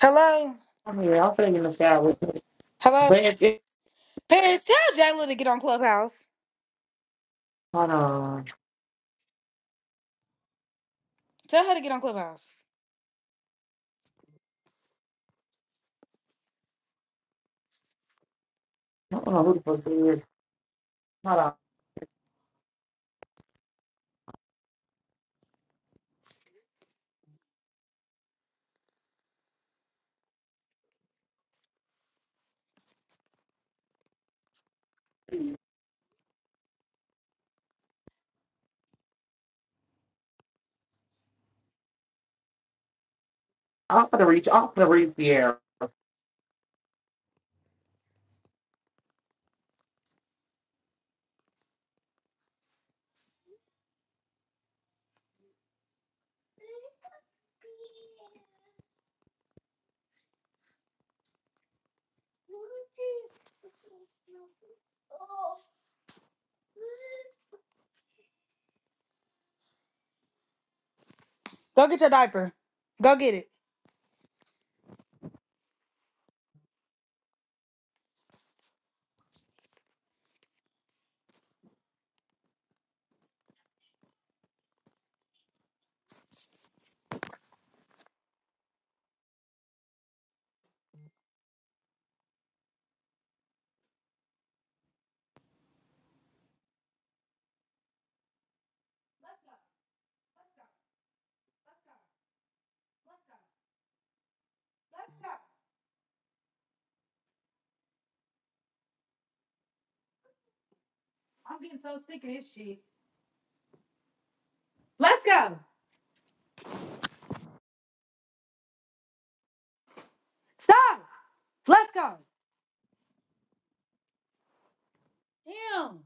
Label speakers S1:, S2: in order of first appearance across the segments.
S1: Hello?
S2: I mean, I'll put it in the shower.
S1: Hello?
S2: But if it,
S1: Paris, tell Jayla to get on Clubhouse.
S2: hold on.
S1: Tell her to get on Clubhouse.
S2: I don't know who the fuck it is. Hold on. I'm gonna reach. I'm gonna reach the air.
S1: Go get your diaper. Go get it. I'm getting so sick of this shit. Let's go. Stop. Let's go. Damn.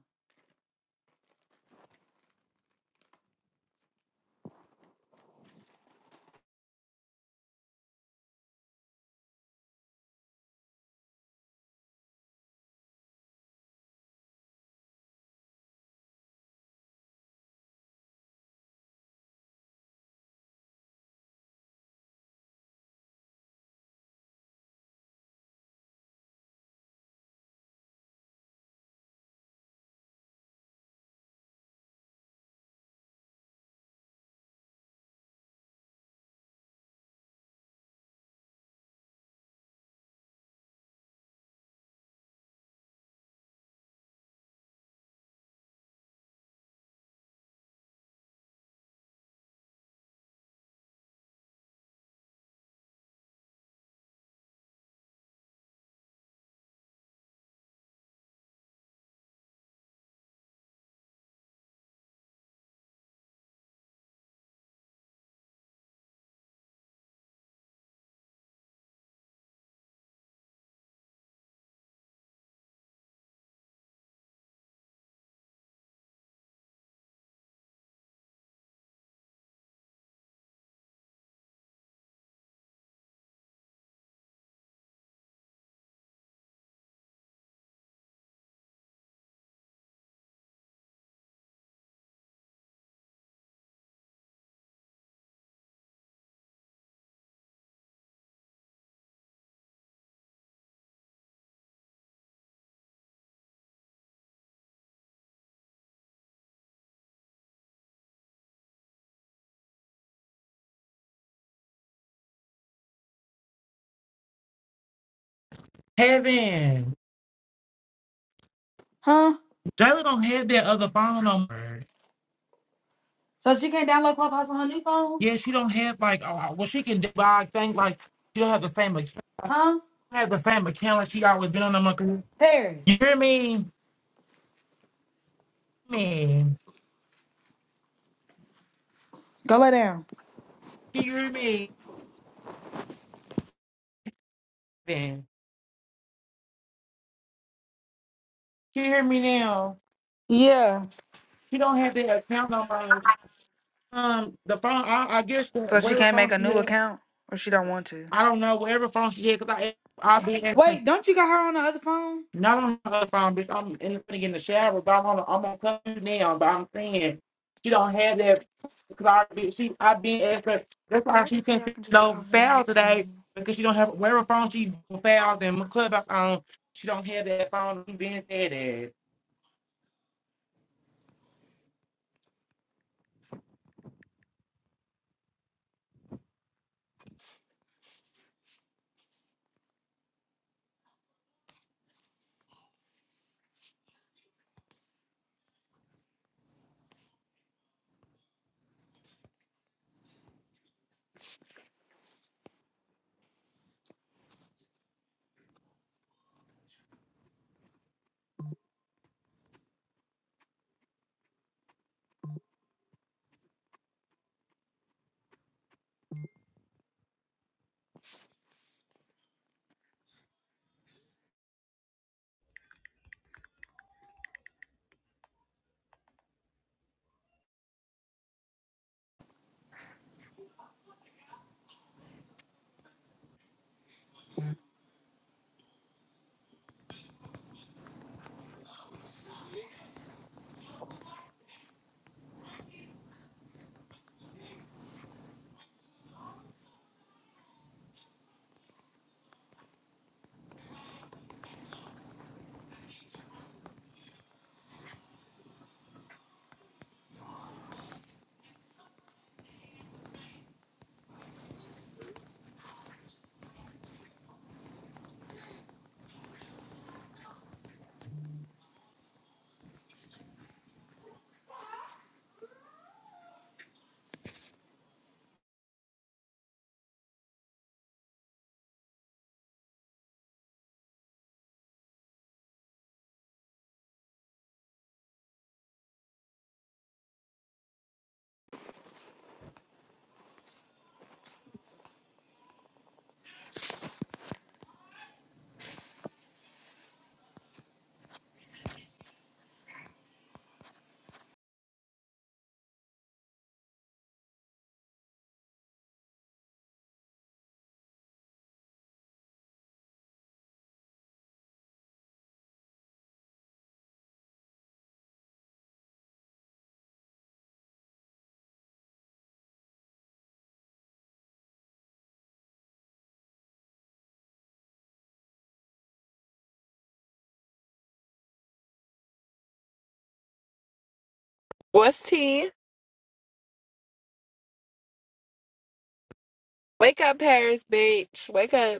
S2: Heaven.
S1: Huh?
S2: Jayla don't have that other phone number.
S1: So she can't download Clubhouse on her new phone?
S2: Yeah, she don't have like. Oh, well, she can do I think like she don't have the same. account. She
S1: Huh?
S2: don't have the same account like she always been on the monkey. You
S1: Paris.
S2: hear me? Me.
S1: Go lay down.
S2: You hear me? Then you hear me now?
S1: Yeah.
S2: She don't have that account number. Um, the phone. I, I guess the
S1: So she
S2: whatever
S1: can't
S2: phone
S1: make a
S2: she
S1: new
S2: has.
S1: account? Or she don't want to?
S2: I don't know whatever phone she had because I I'll be answering
S1: Wait, don't you got her on the other phone?
S2: not on her phone bitch. I'm in the, in the shower, but I'm on I'm on coming now. But I'm saying she don't have that because I be- she I've been asking. That's why she
S1: Righteously,
S2: can't
S1: I
S2: see
S1: can just call
S2: no foul today
S1: her.
S2: because she don't have whatever phone she fouls and my clubhouse on. She don't have that phone. She been said that.
S3: What's tea? Wake up, Paris, bitch. Wake up.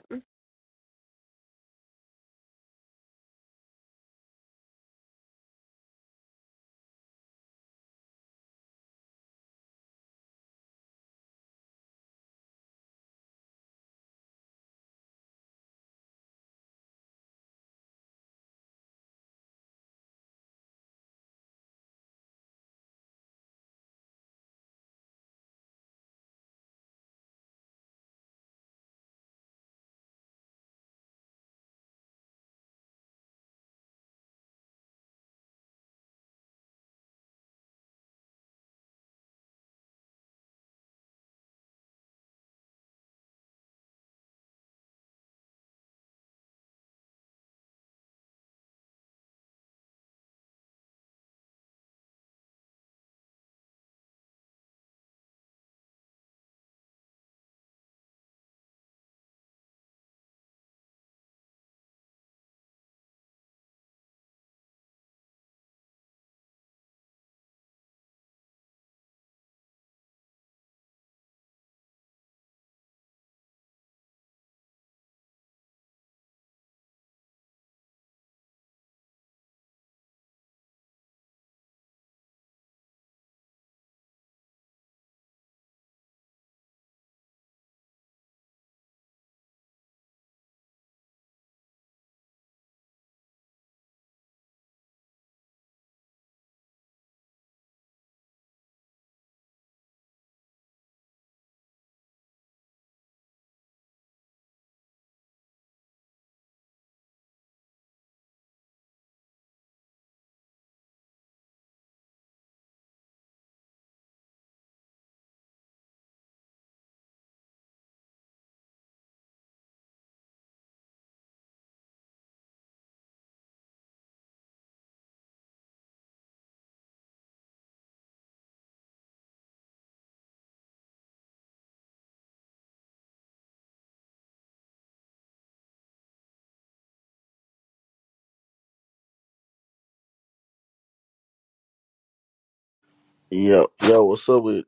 S4: Yo, yo, what's up with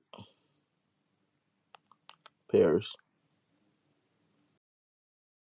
S4: Paris?